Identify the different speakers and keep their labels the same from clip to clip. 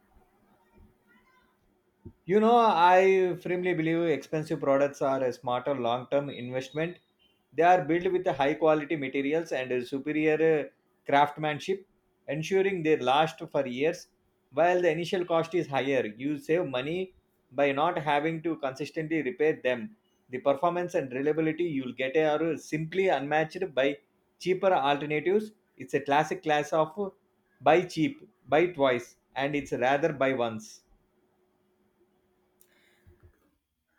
Speaker 1: 他的父亲瞽叟是个盲人。
Speaker 2: You know, I firmly believe expensive products are a smarter long term investment. They are built with high quality materials and a superior craftsmanship, ensuring they last for years. While the initial cost is higher, you save money by not having to consistently repair them. The performance and reliability you'll get are simply unmatched by cheaper alternatives. It's a classic class of buy cheap, buy twice, and it's rather buy once.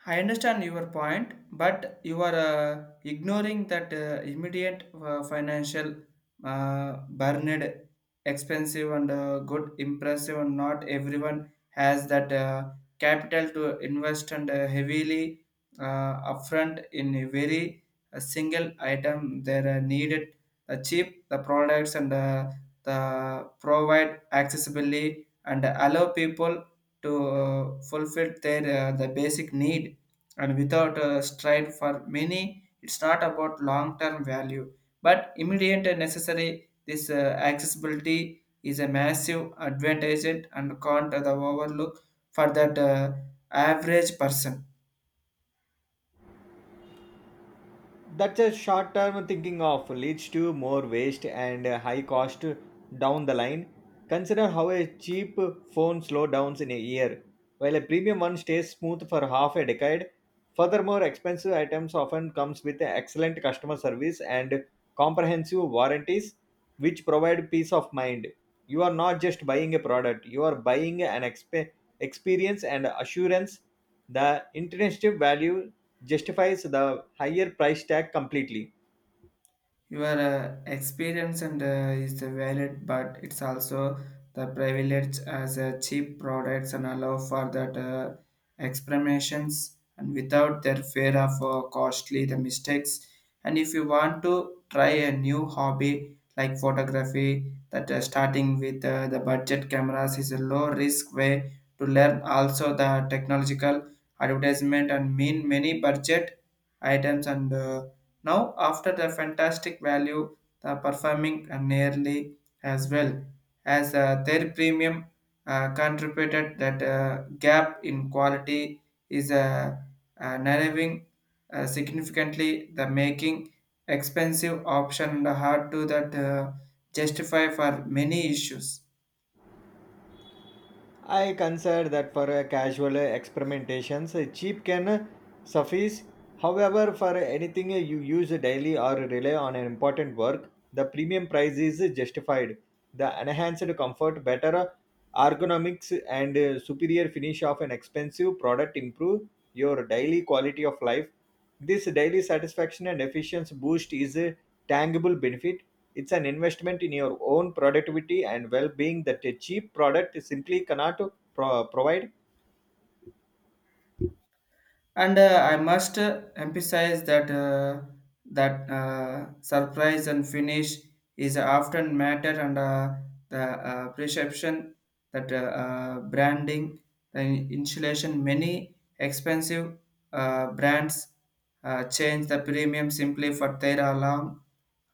Speaker 1: I understand your point, but you are ignoring that immediate financial burden, expensive and good, impressive, and not everyone has that capital to invest and heavily uh, upfront in a very single item. They are needed the cheap, the products, and the provide accessibly and allow people to fulfill their the basic need and without a stride for many. It's not about long term value but immediate and necessary. This accessibility is a massive advantage and can't the overlook for that average person.
Speaker 2: That's a short term thinking of leads to more waste and a high cost down the line. Consider how a cheap phone slows down in a year, while a premium one stays smooth for half a decade. Furthermore, expensive items often comes with excellent customer service and comprehensive warranties, which provide peace of mind. You are not just buying a product; you are buying an experience and assurance. The intrinsic value justifies the higher price tag completely.
Speaker 1: Your experience and is the valid, but it's also the privilege as a cheap products and allow for that experimentations and without their fear of costly the mistakes. And if you want to try a new hobby like photography, that starting with the budget cameras is a low risk way to learn. Also, the technological advertisement and mean many budget items and now, after the fantastic value, the performing nearly as well as their premium contributed that gap in quality is narrowing significantly the making expensive option hard to that justify for many issues.
Speaker 2: I consider that for a casual experimentations, a cheap can suffice. However, for anything you use daily or rely on an important work, the premium price is justified. The enhanced comfort, better ergonomics, and superior finish of an expensive product improve your daily quality of life. This daily satisfaction and efficiency boost is a tangible benefit. It's an investment in your own productivity and well being that a cheap product simply cannot provide.
Speaker 1: And I must emphasize that surprise and finish is often matter and the perception that branding the insulation many expensive brands change the premium simply for their alarm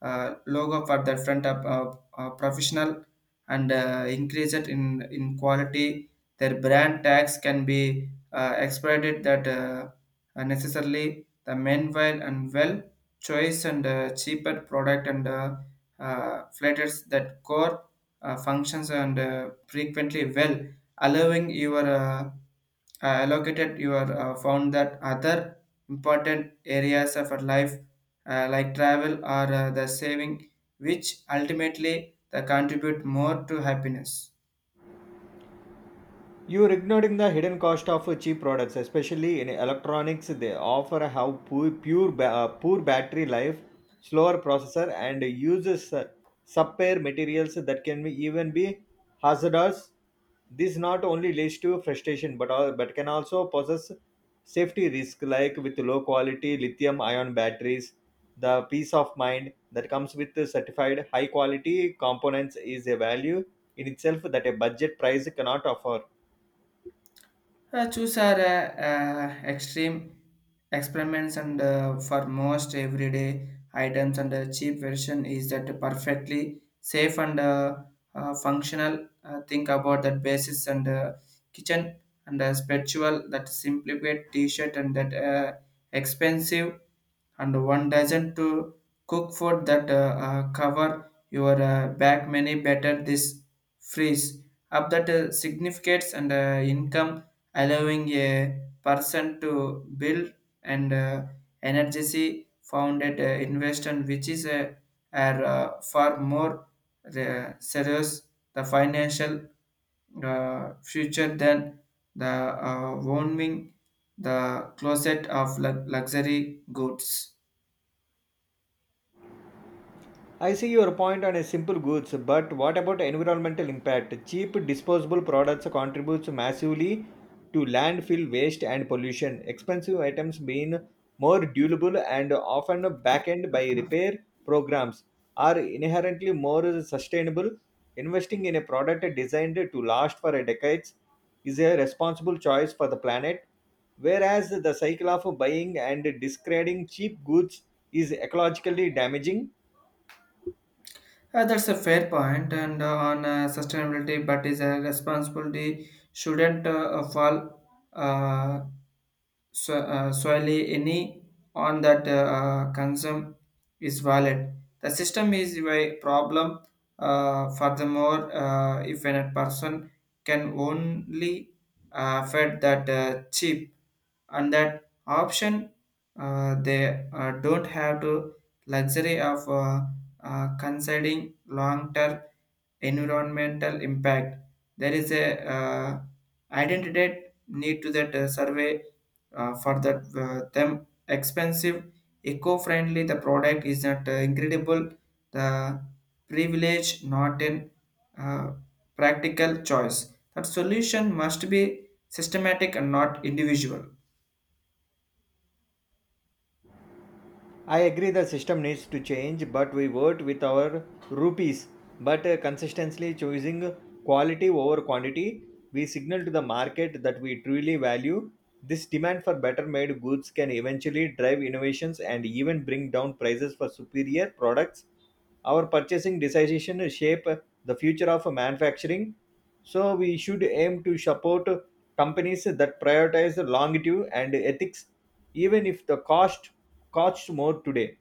Speaker 1: logo for the front of professional and increase it in quality. Their brand tags can be expanded that necessarily the meanwhile and well choice and cheaper product and flatters that core functions and frequently well, allowing your allocated your found that other important areas of our life like travel or the saving, which ultimately they contribute more to happiness.
Speaker 2: You're ignoring the hidden cost of cheap products, especially in electronics. They offer have poor battery life, slower processor, and uses subpar materials that can be hazardous. This not only leads to frustration, but can also possess safety risk, like with low quality lithium-ion batteries. The peace of mind that comes with the certified high-quality components is a value in itself that a budget price cannot offer.
Speaker 1: Choose are extreme experiments and for most everyday items and the cheap version is that perfectly safe and functional. Think about that basis and kitchen and spiritual that simplified T-shirt and that expensive and one doesn't to cook food that cover your back many better this freeze up that significates and income, allowing a person to build and energy founded investment, which is a are far more serious the financial future than the warming the closet of luxury goods.
Speaker 2: I see your point on a simple goods, but what about environmental impact? Cheap disposable products contributes massively to landfill waste and pollution. Expensive items being more durable and often backed by repair programs are inherently more sustainable. Investing in a product designed to last for decades is a responsible choice for the planet, whereas the cycle of buying and discarding cheap goods is ecologically damaging.
Speaker 1: That's a fair point, and on sustainability, but is a responsibility shouldn't fall. Uh, so, solely any on that consume is valid. The system is a problem. Furthermore, if a person can only fed that chip and that option, they don't have to luxury of considering long-term environmental impact. There is a identity need to that survey for the them expensive eco-friendly the product is not incredible the privilege not in uh, practical choice. That solution must be systematic and not individual.
Speaker 2: I agree the system needs to change, but we vote with our rupees. But consistently choosing quality over quantity, we signal to the market that we truly value. This demand for better made goods can eventually drive innovations and even bring down prices for superior products. Our purchasing decision shape the future of manufacturing, so we should aim to support companies that prioritize longevity and ethics, even if the costs more today.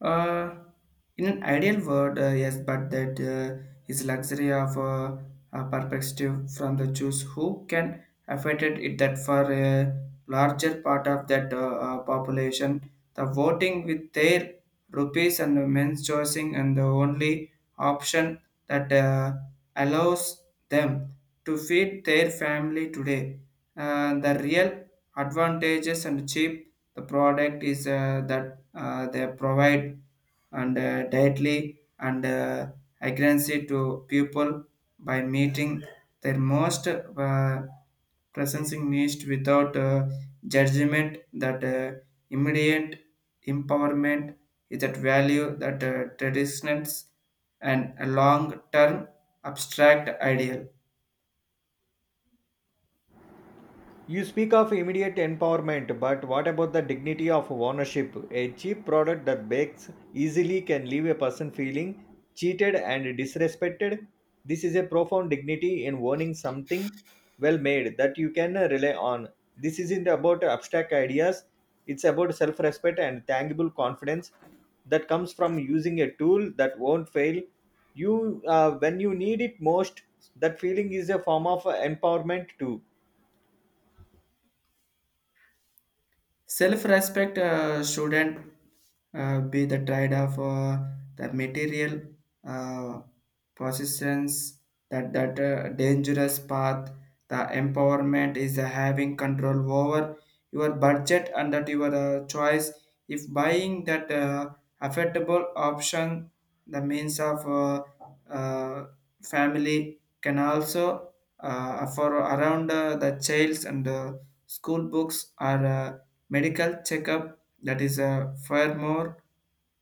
Speaker 1: Uh, in an ideal world, yes, but that is luxury of a perspective from the Jews who can afford it that for a larger part of that population, the voting with their rupees and the men's choosing and the only option that allows them to feed their family today. The real advantages and cheap the product is that they provide and directly and accuracy to people by meeting their most presencing needs without judgment. That immediate empowerment is that value that traditions and a long-term abstract ideal.
Speaker 2: You speak of immediate empowerment, but what about the dignity of ownership? A cheap product that breaks easily can leave a person feeling cheated and disrespected. This is a profound dignity in owning something well made that you can rely on. This isn't about abstract ideas, it's about self respect and tangible confidence that comes from using a tool that won't fail you when you need it most. That feeling is a form of empowerment, too.
Speaker 1: Self-respect shouldn't be the trade of the material uh, possessions. That dangerous path. The empowerment is having control over your budget and that your choice. If buying that affordable option, the means of uh, family can also for around the childs and school books are. Medical checkup that is far more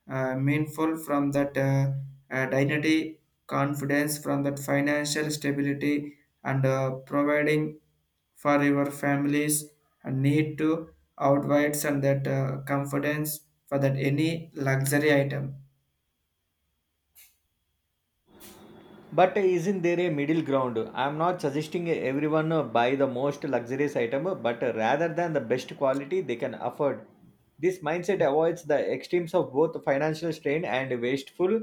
Speaker 1: meaningful from that dignity, confidence, from that financial stability, and providing for your families and need to outweighs and that confidence for that any luxury item.
Speaker 2: But isn't there a middle ground? I am not suggesting everyone buy the most luxurious item, but rather than the best quality they can afford. This mindset avoids the extremes of both financial strain and wasteful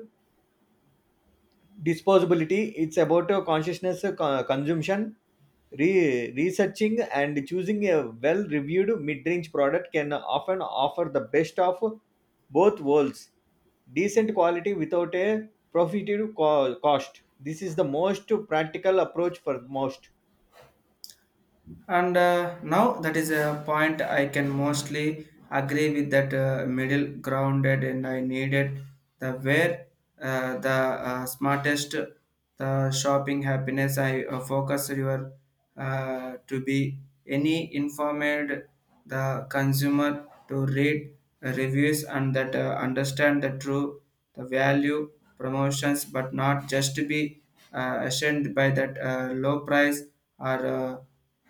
Speaker 2: disposability. It's about consciousness consumption. Researching and choosing a well reviewed mid range product can often offer the best of both worlds, decent quality without a prohibitive cost. This is the most practical approach for most.
Speaker 1: And now that is a point I can mostly agree with. That middle grounded and I needed the where the smartest the shopping happiness. I focus your to be any informed the consumer to read reviews and that understand the true the value promotions, but not just to be ashamed by that low price or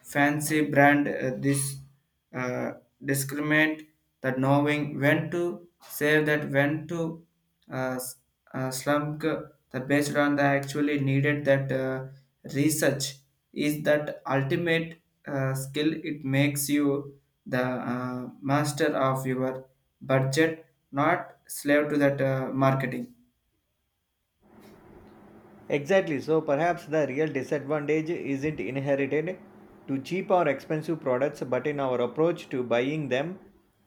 Speaker 1: fancy brand. This uh, discriminate that knowing when to save that when to uh, s- slump the based on the actually needed that research is that ultimate skill. It makes you the master of your budget, not slave to that marketing.
Speaker 2: Exactly, so perhaps the real disadvantage isn't inherited to cheap or expensive products, but in our approach to buying them.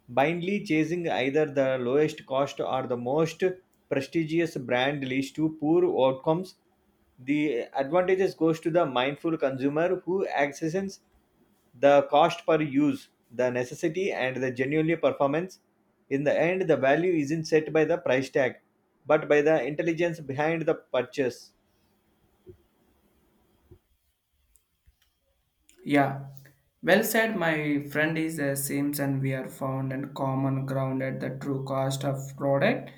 Speaker 2: Blindly chasing either the lowest cost or the most prestigious brand leads to poor outcomes. The advantages goes to the mindful consumer who accesses the cost per use, the necessity, and the genuinely performance. In the end, the value isn't set by the price tag, but by the intelligence behind the purchase.
Speaker 1: Yeah, well said. My friend is the same, and we are found and common ground at the true cost of product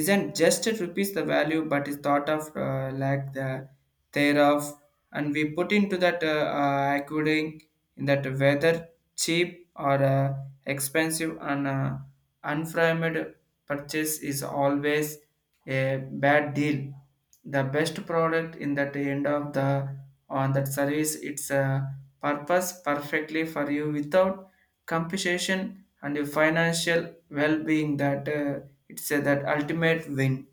Speaker 1: isn't just it rupees the value, but is thought of like the thereof, and we put into that according in that whether cheap or expensive and unframed purchase is always a bad deal. The best product in that end of the on that service it's a purpose perfectly for you without compensation and your financial well-being that it's that ultimate win.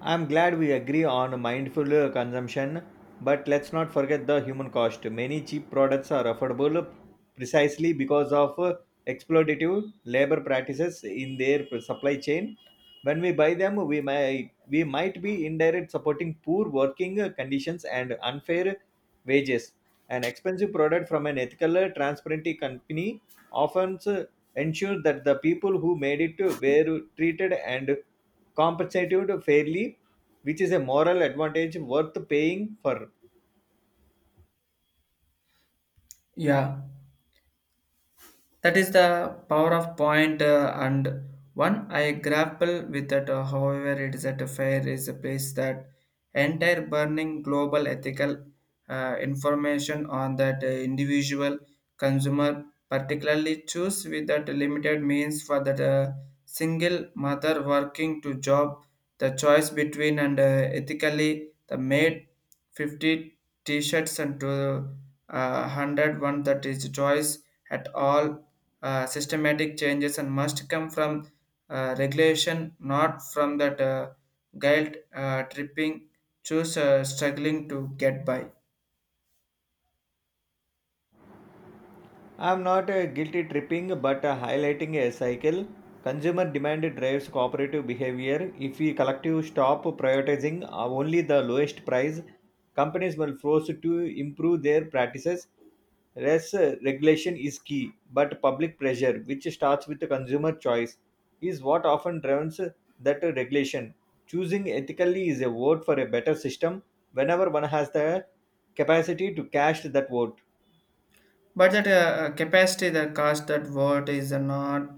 Speaker 2: I'm glad we agree on mindful consumption, but let's not forget the human cost. Many cheap products are affordable precisely because of exploitative labor practices in their supply chain. When we buy them, we might be indirect supporting poor working conditions and unfair wages. An expensive product from an ethical, transparent company often ensures that the people who made it were treated and compensated fairly, which is a moral advantage worth paying for.
Speaker 1: Yeah. That is the power of point, and one I grapple with that. However, it is at a fair is a place that entire burning global ethical information on that individual consumer, particularly choose with that limited means for that single mother working to job. The choice between and ethically the made 50 t-shirts and to 101. That is choice at all. Systematic changes and must come from regulation, not from that guilt tripping, choose struggling to get by.
Speaker 2: I'm not guilty tripping, but highlighting a cycle. Consumer demand drives cooperative behavior. If we collectively stop prioritizing only the lowest price, companies will force to improve their practices. Less regulation is key, but public pressure, which starts with the consumer choice, is what often drives that regulation. Choosing ethically is a vote for a better system whenever one has the capacity to cast that vote.
Speaker 1: But that capacity the cost that what is not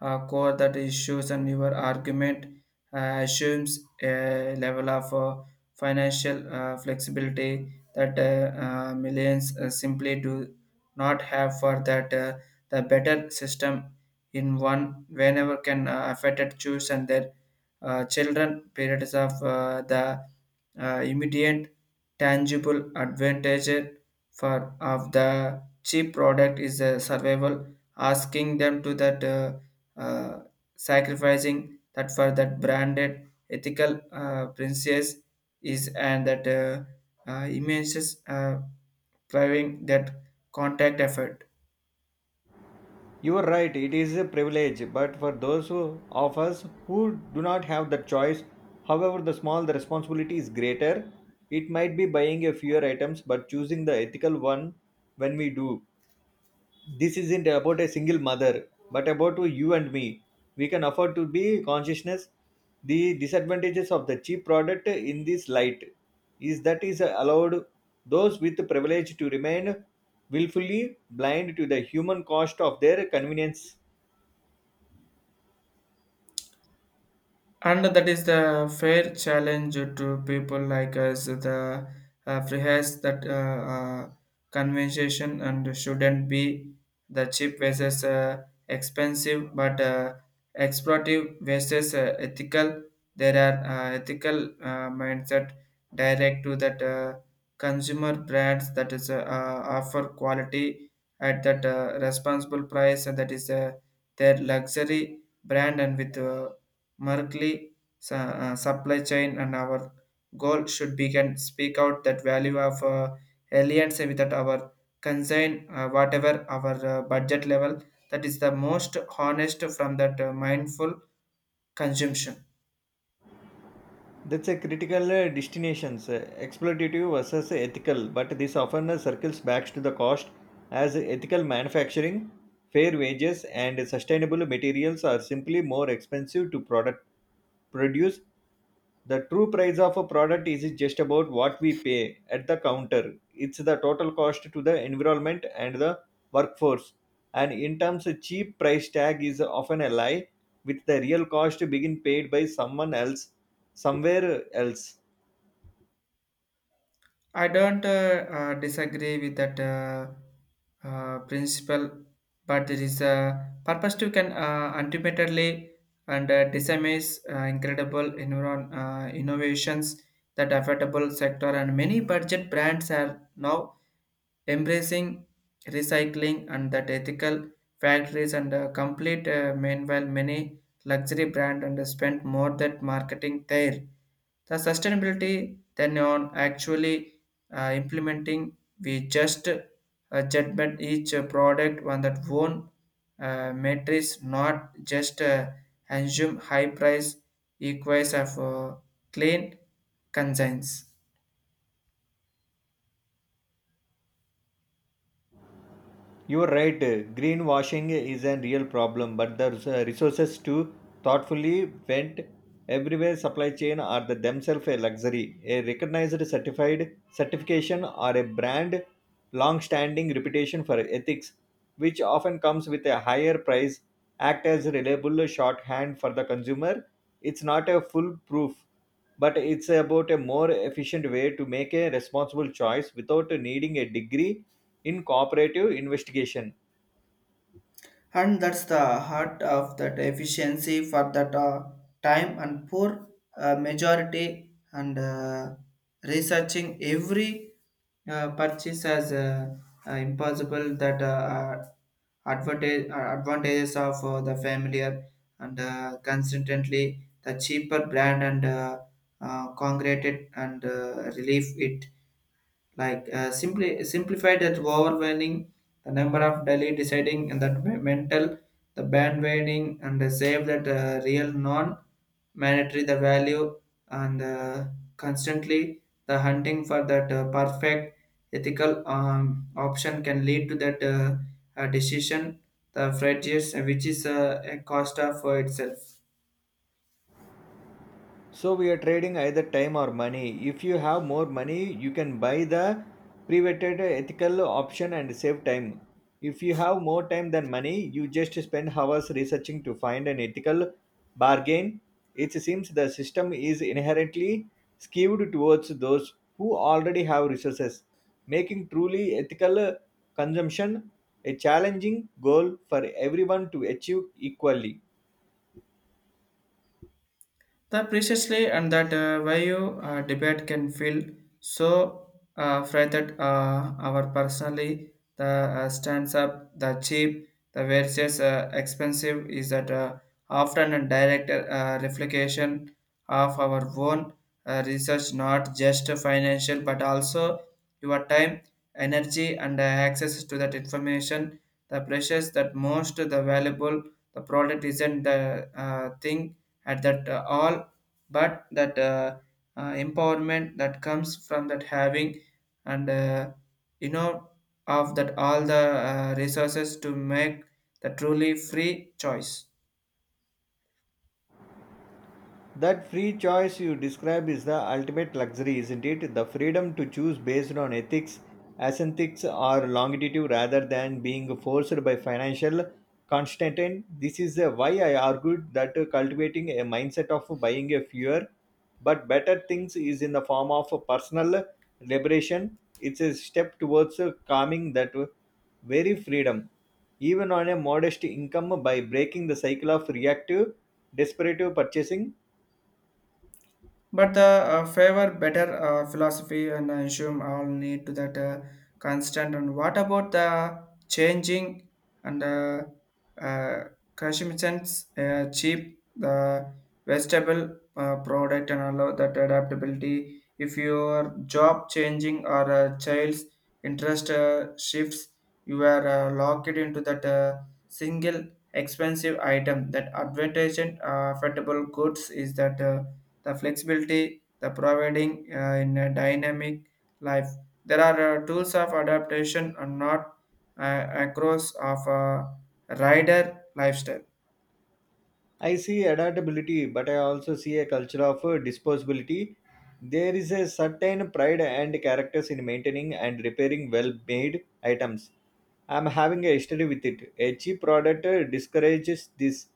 Speaker 1: core that issues and your argument assumes a level of financial flexibility that millions simply do not have for that the better system in one whenever can affect it choose and their children periods of the immediate tangible advantage for of the cheap product is a survival, asking them to that uh, sacrificing that for that branded ethical princess is and that images driving that contact effort.
Speaker 2: You are right, it is a privilege, but for those who, of us who do not have that choice, however the small the responsibility is greater, it might be buying a fewer items but choosing the ethical one when we do. This isn't about a single mother, but about you and me. We can afford to be consciousness. The disadvantages of the cheap product in this light is that is allowed those with privilege to remain willfully blind to the human cost of their convenience.
Speaker 1: And that is the fair challenge to people like us. The freehas that conversation and shouldn't be the cheap versus expensive, but exploitative versus ethical. There are ethical mindset direct to that consumer brands that is offer quality at that responsible price. And that is their luxury brand and with Merkley supply chain. And our goal should be can speak out that value of aliens without our concern whatever our budget level. That is the most honest from that mindful consumption.
Speaker 2: That's a critical distinction, exploitative versus ethical, but this often circles back to the cost as ethical manufacturing, fair wages, and sustainable materials are simply more expensive to product produce. The true price of a product is just about what we pay at the counter. It's the total cost to the environment and the workforce. And in terms of cheap price tag is often a lie, with the real cost being paid by someone else somewhere else.
Speaker 1: I don't disagree with that principle, but there is a purpose to can ultimately and disseminates incredible environ, innovations that affordable sector. And many budget brands are now embracing recycling and that ethical factories and complete meanwhile many luxury brand and spend more that marketing there the sustainability than on actually implementing. We just judgment each product on that own matrix, not just assume high price equals of clean conscience.
Speaker 2: You're right, greenwashing is a real problem, but the resources to thoughtfully vent everywhere supply chain are the themselves a luxury. A recognized certified certification or a brand long-standing reputation for ethics, which often comes with a higher price, act as a reliable shorthand for the consumer. It's not a foolproof, but it's about a more efficient way to make a responsible choice without needing a degree in cooperative investigation.
Speaker 1: And that's the heart of that efficiency for that time and poor majority and researching every purchase as impossible. That advantages of the familiar and consistently the cheaper brand and congregated and relief it like simply simplified that overwhelming the number of daily deciding and that mental the bandwagoning and the save that real non mandatory the value and constantly the hunting for that perfect ethical option can lead to that decision the prejudice which is a cost of itself.
Speaker 2: So we are trading either time or money. If you have more money, you can buy the privated ethical option and save time. If you have more time than money, you just spend hours researching to find an ethical bargain. It seems the system is inherently skewed towards those who already have resources, making truly ethical consumption a challenging goal for everyone to achieve equally.
Speaker 1: The preciously and that value debate can feel so fried that our personally the stands up the cheap the versus expensive is that often a direct reflection of our own research, not just financial but also your time, energy, and access to that information. The precious that most the valuable the product isn't the thing at that all, but that empowerment that comes from that having and you know of that all the resources to make the truly free choice.
Speaker 2: That free choice you describe is the ultimate luxury, isn't it? The freedom to choose based on ethics, aesthetics, or longitude rather than being forced by financial constraint. This is why I argued that cultivating a mindset of buying a fewer but better things is in the form of personal liberation. It's a step towards calming that very freedom, even on a modest income, by breaking the cycle of reactive, desperate purchasing.
Speaker 1: But the favor better philosophy and I assume all need to that constant. And what about the changing and uh, consumers cheap the vegetable product and allow that adaptability? If your job changing or a child's interest shifts, you are locked into that single expensive item. That advantage affordable goods is that. The flexibility, the providing in a dynamic life. There are tools of adaptation and not across of a rider lifestyle.
Speaker 2: I see adaptability, but I also see a culture of disposability. There is a certain pride and characters in maintaining and repairing well-made items. I'm having a history with it. A cheap product discourages this.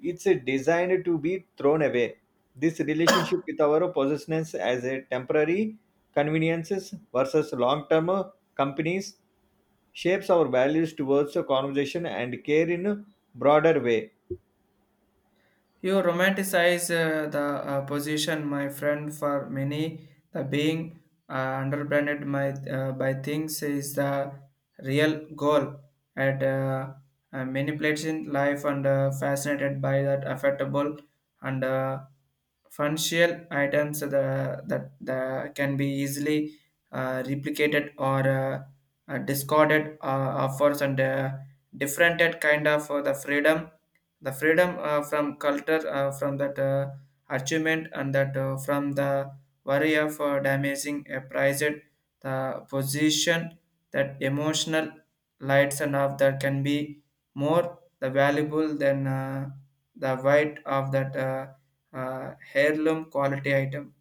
Speaker 2: It's designed to be thrown away. This relationship with our possessions as a temporary conveniences versus long-term companies shapes our values towards conversation and care in a broader way.
Speaker 1: You romanticize the position, my friend, for many. The being underbranded by things is the real goal at manipulation life and fascinated by that affectable and functional items that can be easily replicated or discarded offers and different kind of the freedom from culture from that achievement and that from the worry of damaging a prized the position that emotional lights and of that can be more the valuable than the white of that heirloom quality item.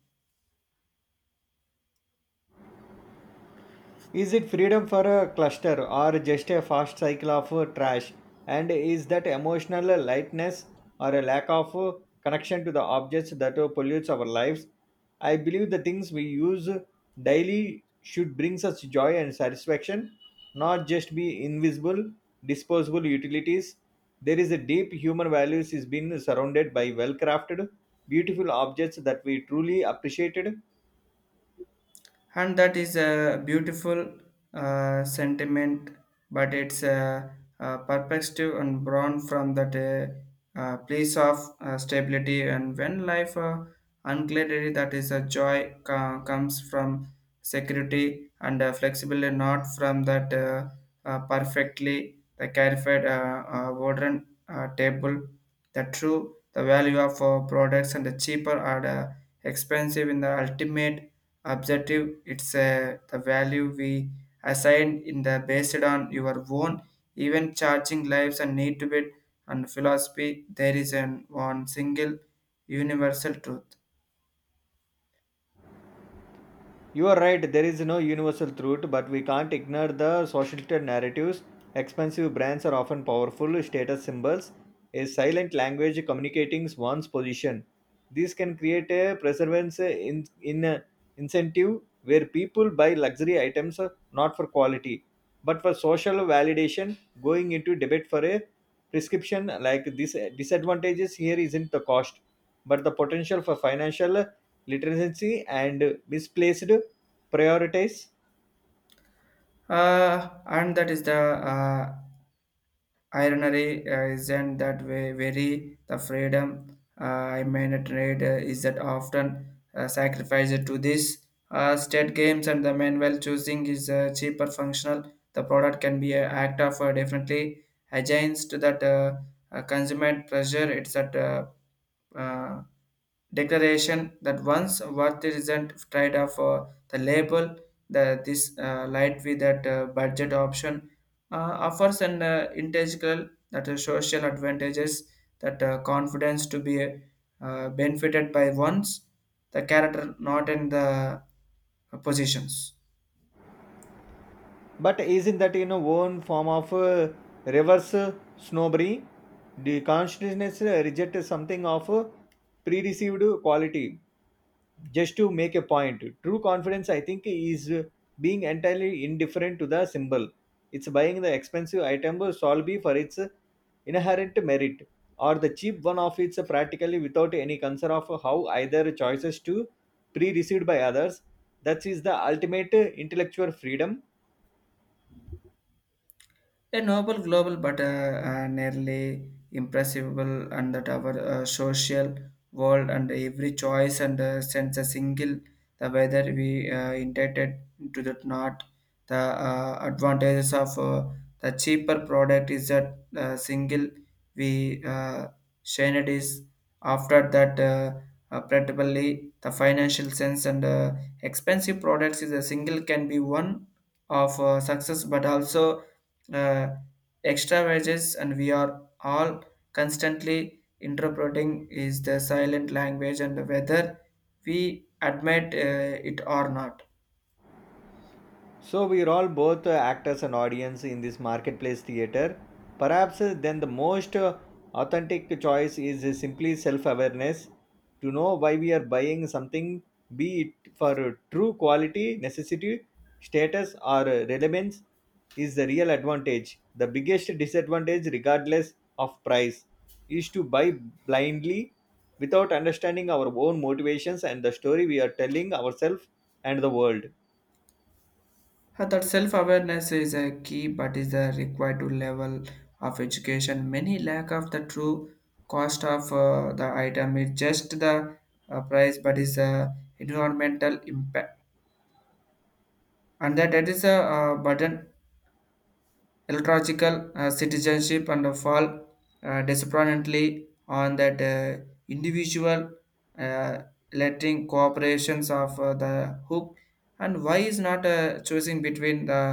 Speaker 2: Is it freedom for a cluster or just a fast cycle of trash? And is that emotional lightness or a lack of connection to the objects that pollutes our lives? I believe the things we use daily should bring us joy and satisfaction, not just be invisible, disposable utilities. There is a deep human values is being surrounded by well-crafted, beautiful objects that we truly appreciated.
Speaker 1: And that is a beautiful sentiment, but it's a perspective and born from that place of stability, and when life unclarity, that is a joy comes from security and flexibility, not from that perfectly the clarified modern table. The true the value of products and the cheaper are the expensive in the ultimate objective, it's the value we assign in the based on your own even charging lives and need to it, and philosophy there is an one single universal truth.
Speaker 2: You are right, there is no universal truth, but we can't ignore the societal narratives. Expensive brands are often powerful status symbols, a silent language communicating one's position. This can create a preservance in a incentive where people buy luxury items not for quality but for social validation. Going into debate for a prescription like this disadvantages here isn't the cost, but the potential for financial literacy and misplaced priorities.
Speaker 1: And that is the ironically, isn't that way very the freedom, I mean a trade, is that often sacrificed to this state games, and the manual choosing is cheaper functional. The product can be an act of definitely against that consumer pressure. It's that uh, declaration that once worth isn't trade off for the label. The this light with that budget option uh, offers an integral that social advantages, that confidence to be benefited by one's the character, not in the positions.
Speaker 2: But isn't that in a own form of reverse snobbery, the consciousness reject something of pre-received quality just to make a point? True confidence I think is being entirely indifferent to the symbol. It's buying the expensive item solely for its inherent merit or the cheap one of its practically without any concern of how either choices to pre-received by others. That is the ultimate intellectual freedom.
Speaker 1: A noble global, but nearly impressible, and that our social world, and every choice and sense a single the whether we intended to that not, the advantages of the cheaper product is that single, we shine it is after that predictably the financial sense, and expensive products is a single, can be one of success, but also uh, extra wages, and we are all constantly interpreting is the silent language, and whether we admit it or not.
Speaker 2: So we are all both actors and audience in this marketplace theater. Perhaps then the most authentic choice is simply self-awareness to know why we are buying something, be it for true quality, necessity, status, or relevance, is the real advantage. The biggest disadvantage, regardless of price, is to buy blindly without understanding our own motivations and the story we are telling ourselves and the world.
Speaker 1: That self-awareness is a key, but is a required to level of education many lack of. The true cost of the item is just the price, but is a environmental impact, and that is a burden illogical citizenship and fall disproportionately on that individual, uh, letting cooperations of the hook. And why is not choosing between the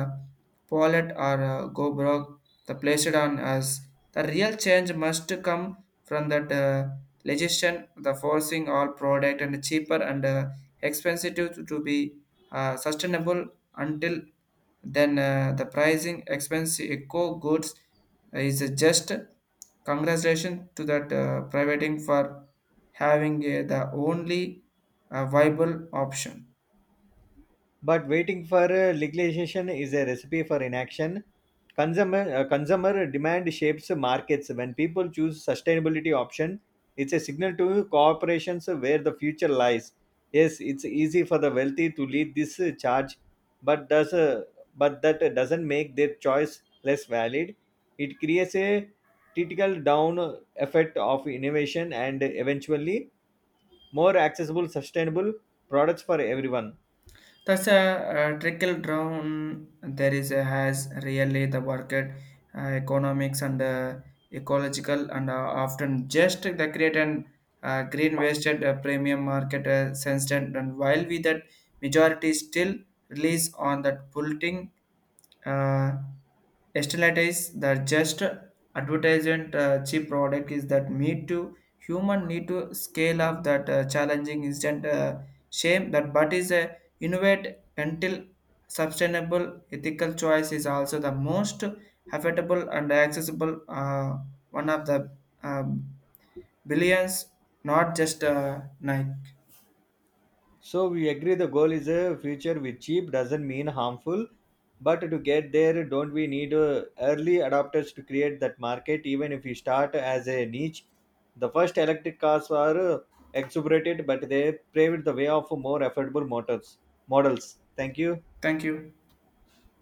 Speaker 1: Pollet or go broke the placed on us. The real change must come from that legislation the forcing all product and cheaper and expensive to be sustainable. Until then, the pricing expense eco goods is just congratulations to that privating for having the only viable option.
Speaker 2: But waiting for legalization is a recipe for inaction. Consumer demand shapes markets. When people choose sustainability option, it's a signal to corporations where the future lies. Yes, it's easy for the wealthy to lead this charge, but does uh, but that doesn't make their choice less valid. It creates a critical down effect of innovation and eventually more accessible, sustainable products for everyone.
Speaker 1: Thus, a, trickle down. There is a, has really the market economics and ecological and often just the create and green wasted premium market sensed, and while we that majority still release on that bulletin uh, sterilize the just advertisement cheap product is that need to human, need to scale up that challenging instant shame that, but is a innovate until sustainable ethical choice is also the most affordable and accessible one of the um, billions, not just Nike.
Speaker 2: So we agree the goal is a future with cheap doesn't mean harmful, but to get there, don't we need early adopters to create that market? Even if we start as a niche, the first electric cars are exuberated, but they paved the way of more affordable motors models. Thank you.
Speaker 1: Thank you.